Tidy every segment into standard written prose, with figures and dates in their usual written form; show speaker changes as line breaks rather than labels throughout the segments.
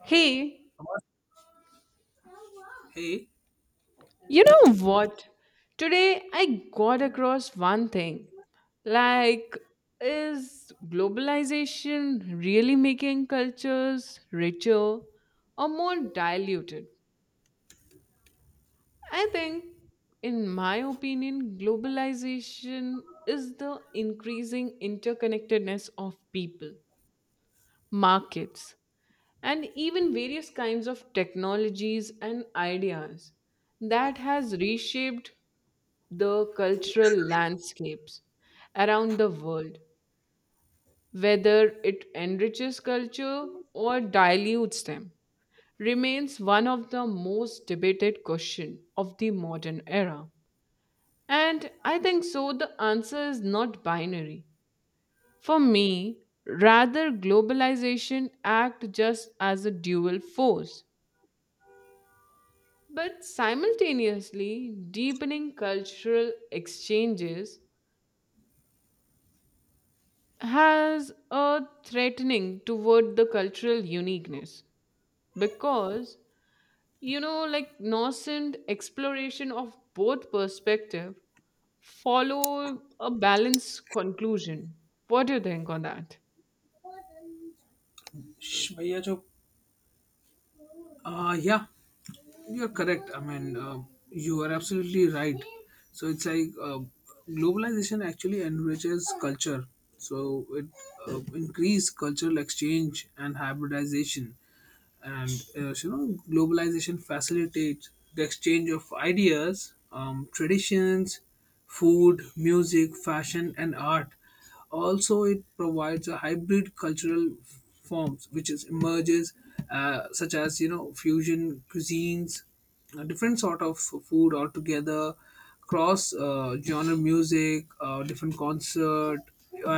Hey,
Hey,
you know what? Today I got across one thing. Like, is globalization really making cultures richer or more diluted? I think, in my opinion, globalization is the increasing interconnectedness of people, markets, and even various kinds of technologies and ideas that has reshaped the cultural landscapes around the world, whether it enriches culture or dilutes them, remains one of the most debated questions of the modern era. And I think so, the answer is not binary. For me, rather, globalization acts just as a dual force. But simultaneously, deepening cultural exchanges has a threatening toward the cultural uniqueness because like nascent exploration of both perspective follow a balanced conclusion. What do you think on that?
shh, bhaiya jo. Yeah, you're correct. I mean, you are absolutely right. So it's like globalization actually enriches culture. So it increase cultural exchange and hybridization. And so, you know globalization facilitates the exchange of ideas, traditions, food, music, fashion and art. Also it provides a hybrid cultural forms which is emerges, such as you know fusion cuisines, a different sort of food altogether, cross genre music, different concert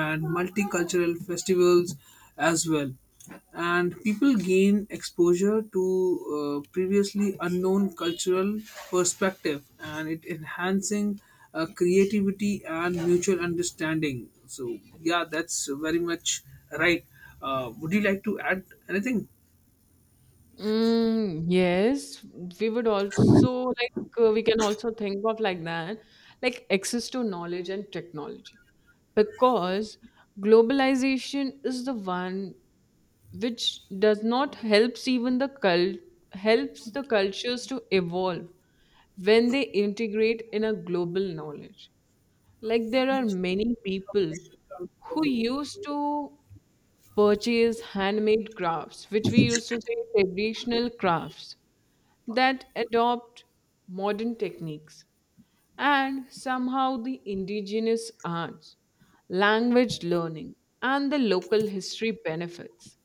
and multicultural festivals as well, and people gain exposure to previously unknown cultural perspective, and it enhancing creativity and mutual understanding. So yeah, that's very much right. Would you like to add anything?
Mm, yes, we would also like we can also think of like that, like access to knowledge and technology, because globalization is the one which does not helps even the cult helps the cultures to evolve when they integrate in a global knowledge. Like, there are many people who used to purchase handmade crafts, which we used to say traditional crafts, that adopt modern techniques, and somehow the indigenous arts, language learning, and the local history benefits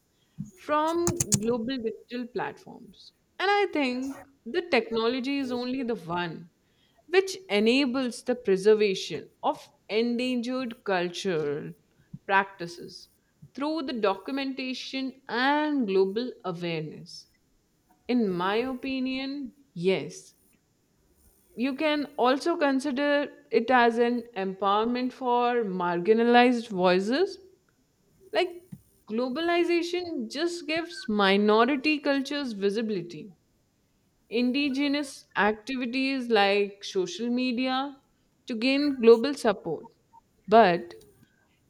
from global digital platforms. And I think the technology is only the one which enables the preservation of endangered cultural practices through the documentation and global awareness. In my opinion, yes. You can also consider it as an empowerment for marginalized voices, like globalization just gives minority cultures visibility. Indigenous activities like social media to gain global support. But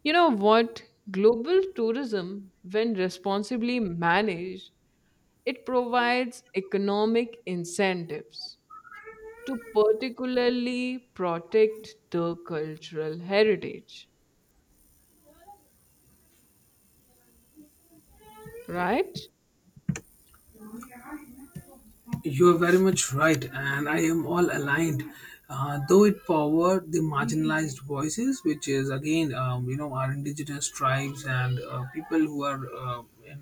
you know what? Global tourism, when responsibly managed, it provides economic incentives to particularly protect the cultural heritage, right?
You're very much right, and I am all aligned. Though it powered the marginalized voices, which is again, you know, our indigenous tribes and people who are in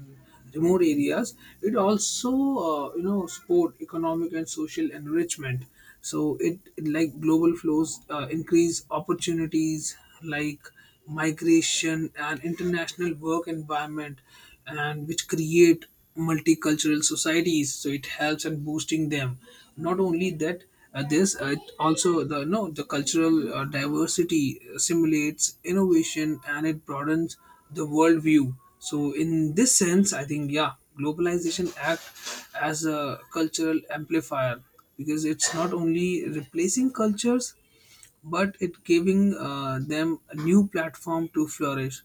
remote areas, it also, you know, support economic and social enrichment. So it like global flows increase opportunities like migration and international work environment, and which create multicultural societies, so it helps in boosting them. Not only that, this it also the no the cultural diversity simulates innovation, and it broadens the worldview. So in this sense I think yeah, globalization act as a cultural amplifier, because it's not only replacing cultures but it giving them a new platform to flourish.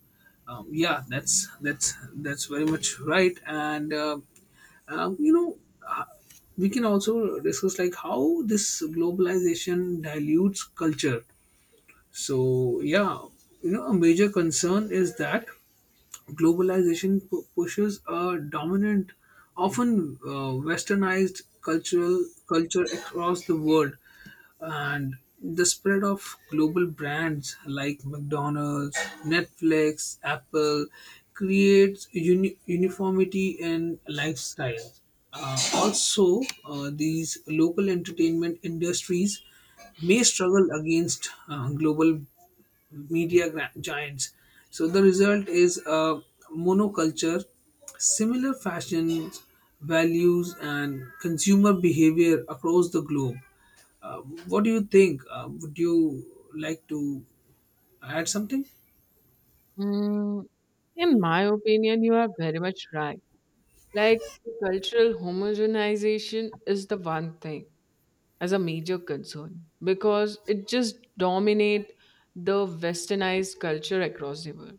Yeah, that's very much right, and you know, uh, we can also discuss like how this globalization dilutes culture. So yeah, you know a major concern is that globalization pushes a dominant, often westernized cultural culture across the world, and the spread of global brands like McDonald's, Netflix, Apple creates uniformity in lifestyle. Also, these local entertainment industries may struggle against global media giants. So the result is a monoculture, similar fashions, values, and consumer behavior across the globe. Uh, what do you think? Would you like to add something?
Mm, in my opinion, you are very much right. Like, cultural homogenization is the one thing as a major concern because it just dominate the westernized culture across the world.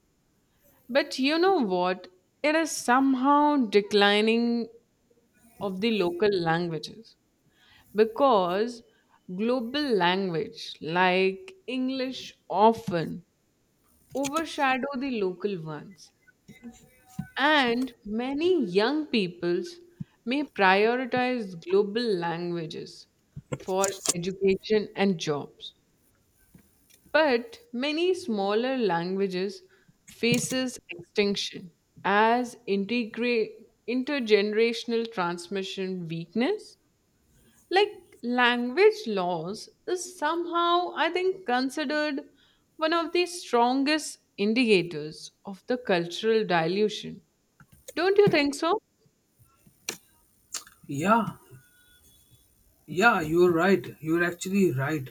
But you know what? It is somehow declining of the local languages because global language like English often overshadow the local ones. And many young peoples may prioritize global languages for education and jobs. But many smaller languages faces extinction as intergenerational transmission weakness. Like, language loss is somehow, I think, considered one of the strongest indicators of the cultural dilution. Don't you think so?
Yeah. Yeah, you're right. You're actually right.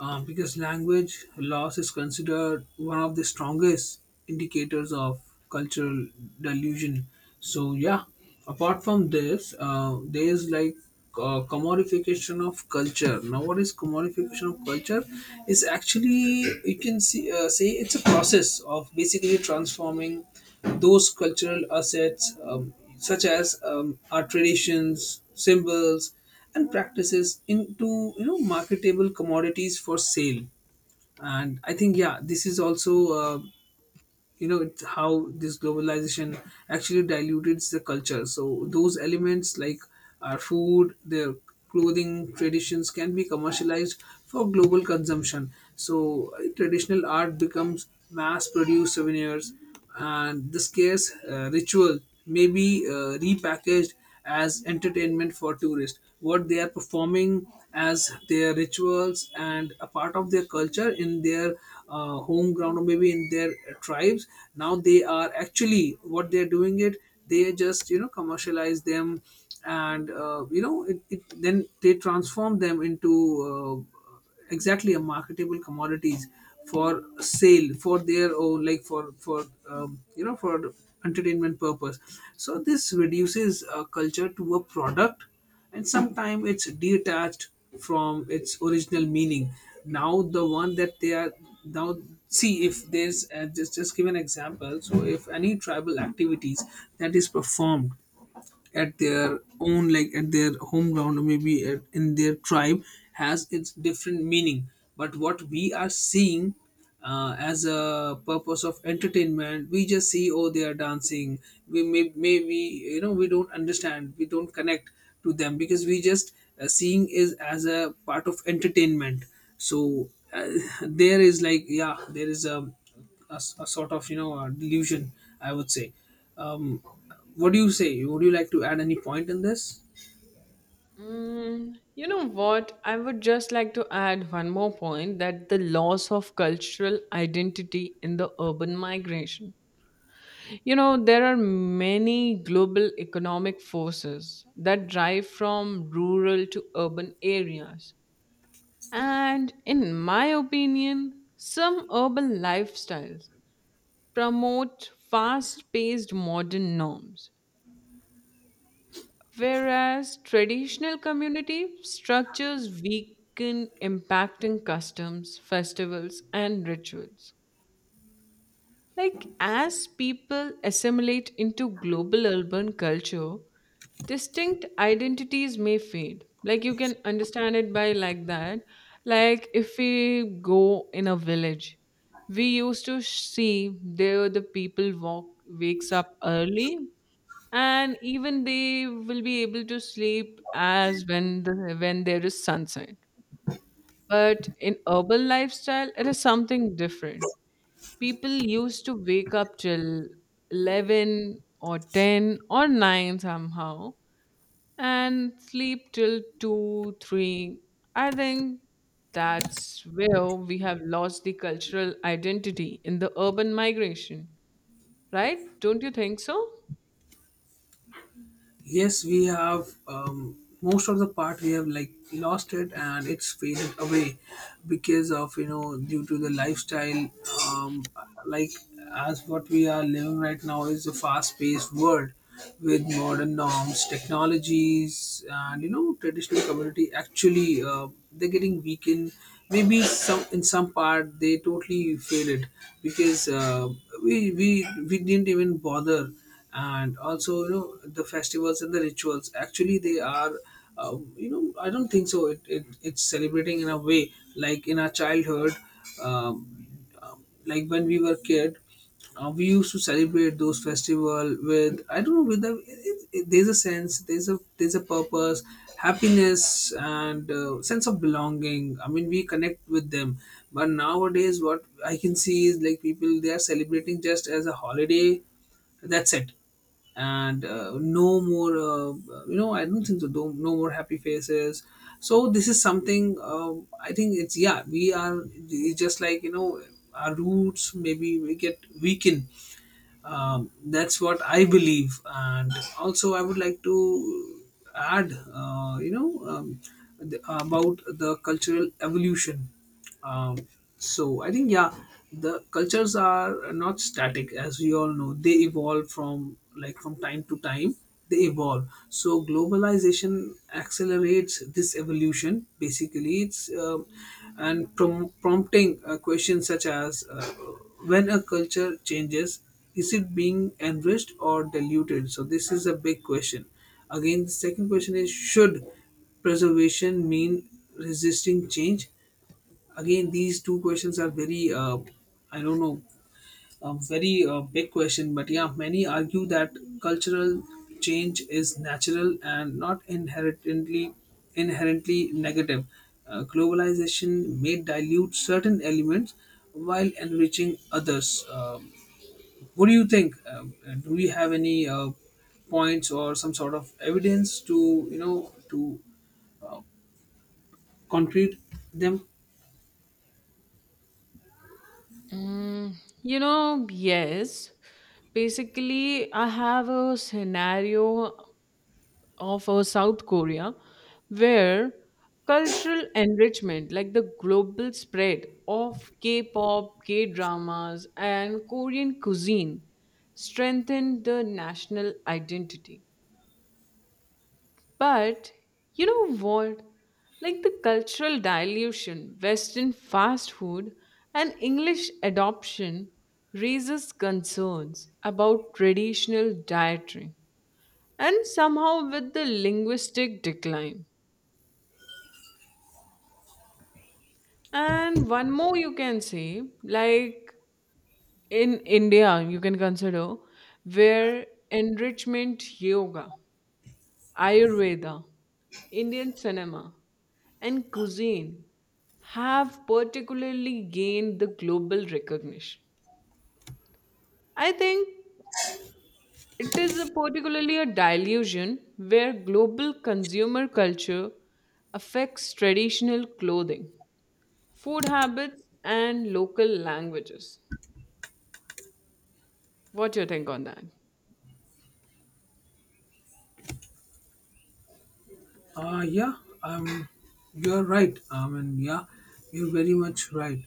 Because language loss is considered one of the strongest indicators of cultural delusion. So, yeah, apart from this, there is like commodification of culture. Now, what is commodification of culture? Is actually, you can see, say it's a process of basically transforming those cultural assets, such as our traditions, symbols and practices into you know marketable commodities for sale. And I think yeah, this is also uh, you know it's how this globalization actually diluted the culture. So those elements like our food, their clothing traditions can be commercialized for global consumption. So traditional art becomes mass produced souvenirs, and this case ritual may be repackaged as entertainment for tourists, what they are performing as their rituals and a part of their culture in their home ground or maybe in their tribes. Now they are actually what they're doing it, they just you know commercialize them, and you know then they transform them into exactly a marketable commodities for sale for their own, like for you know for entertainment purpose. So this reduces a culture to a product, and sometimes it's detached from its original meaning. Now the one that they are now, see if there's just give an example. So if any tribal activities that is performed at their own, like at their home ground, maybe in their tribe, has its different meaning, but what we are seeing as a purpose of entertainment, we just see, oh they are dancing, we may maybe you know we don't understand, we don't connect to them because we just seeing is as a part of entertainment. So there is like yeah there is a a sort of you know a delusion, I would say. um, what do you say? Would you like to add any point in this?
Mm, you know what? I would just like to add one more point that the loss of cultural identity in the urban migration. You know, there are many global economic forces that drive from rural to urban areas. And in my opinion, some urban lifestyles promote fast paced modern norms, whereas traditional community structures weaken impacting customs, festivals, and rituals. Like, as people assimilate into global urban culture, distinct identities may fade. Like, you can understand it by like that. Like, if we go in a village, we used to see there the people walk wakes up early, and even they will be able to sleep as when when there is sunset. But in urban lifestyle it is something different. People used to wake up till 11 or 10 or 9 somehow, and sleep till 2 3, I think. That's where we have lost the cultural identity in the urban migration, right? Don't you think so?
Yes, we have most of the part we have like lost it, and it's faded away because of you know due to the lifestyle. Um, like as what we are living right now is a fast-paced world with modern norms, technologies, and you know traditional community. Actually, they're getting weakened. Maybe some in some part they totally faded because we didn't even bother. And also you know the festivals and the rituals, actually they are, you know I don't think so it it's celebrating in a way like in our childhood. um, like when we were kid, we used to celebrate those festival with I don't know, with there's a sense, there's a purpose, happiness and sense of belonging. I mean we connect with them, but nowadays what I can see is like people they are celebrating just as a holiday, that's it. And no more you know I don't think so no, no more happy faces. So this is something I think it's yeah we are, it's just like you know our roots maybe we get weakened. That's what I believe. And also I would like to add you know about the cultural evolution. um, so I think yeah, the cultures are not static, as we all know they evolve from like from time to time, they evolve. So globalization accelerates this evolution, basically it's, and prompting questions such as when a culture changes, is it being enriched or diluted? So this is a big question. Again, the second question is, should preservation mean resisting change? Again, these two questions are very, I don't know, a very big question. But yeah, many argue that cultural change is natural and not inherently negative. Globalization may dilute certain elements while enriching others. What do you think? Do we have any points or some sort of evidence to you know to concrete them?
Mm, you know, yes. Basically, I have a scenario of a South Korea, where cultural enrichment, like the global spread of K pop, K dramas, and Korean cuisine, strengthened the national identity. But you know what? Like the cultural dilution, Western fast food, and English adoption raises concerns about traditional dietary and somehow with the linguistic decline. And one more you can say, like in India, you can consider where enrichment yoga, Ayurveda, Indian cinema and cuisine have particularly gained the global recognition. I think it is a particularly a dilution where global consumer culture affects traditional clothing, food habits, and local languages. What do you think on that?
Yeah, um, you're right. I mean, yeah, you're very much right.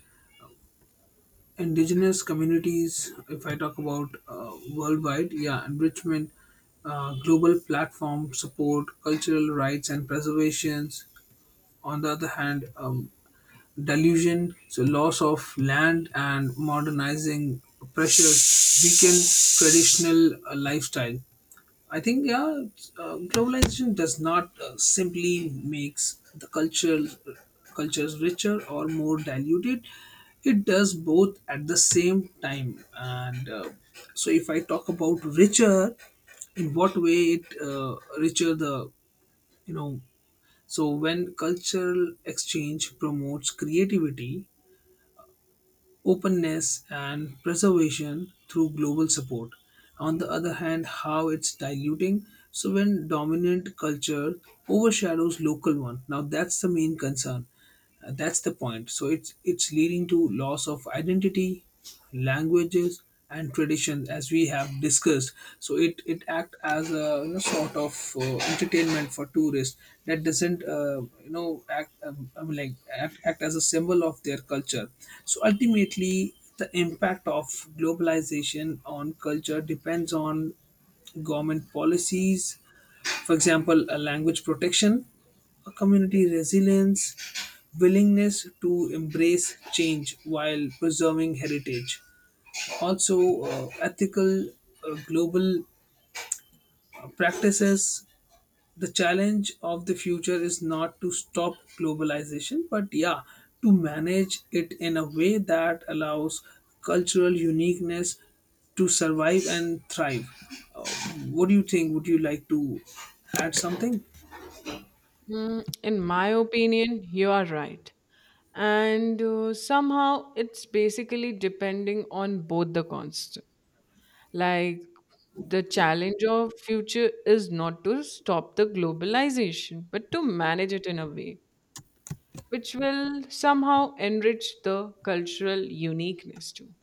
Indigenous communities, if I talk about worldwide, yeah enrichment, global platform support cultural rights and preservations. On the other hand, delusion, so loss of land and modernizing pressures weaken traditional lifestyle. I think yeah, it's, globalization does not simply makes the cultures richer or more diluted. It does both at the same time. And so, if I talk about richer, in what way it richer the you know, so when cultural exchange promotes creativity, openness and preservation through global support. On the other hand, how it's diluting? So when dominant culture overshadows local one, now that's the main concern. That's the point. So it's leading to loss of identity, languages, and traditions, as we have discussed. So it act as a you know, sort of entertainment for tourists that doesn't you know act, I mean like act as a symbol of their culture. So ultimately, the impact of globalization on culture depends on government policies, for example, a language protection, a community resilience, willingness to embrace change while preserving heritage. Also, ethical global practices. The challenge of the future is not to stop globalization, but yeah, to manage it in a way that allows cultural uniqueness to survive and thrive. Uh, what do you think? Would you like to add something?
Mm, in my opinion, you are right. And somehow it's basically depending on both the const. Like, the challenge of future is not to stop the globalization, but to manage it in a way which will somehow enrich the cultural uniqueness too.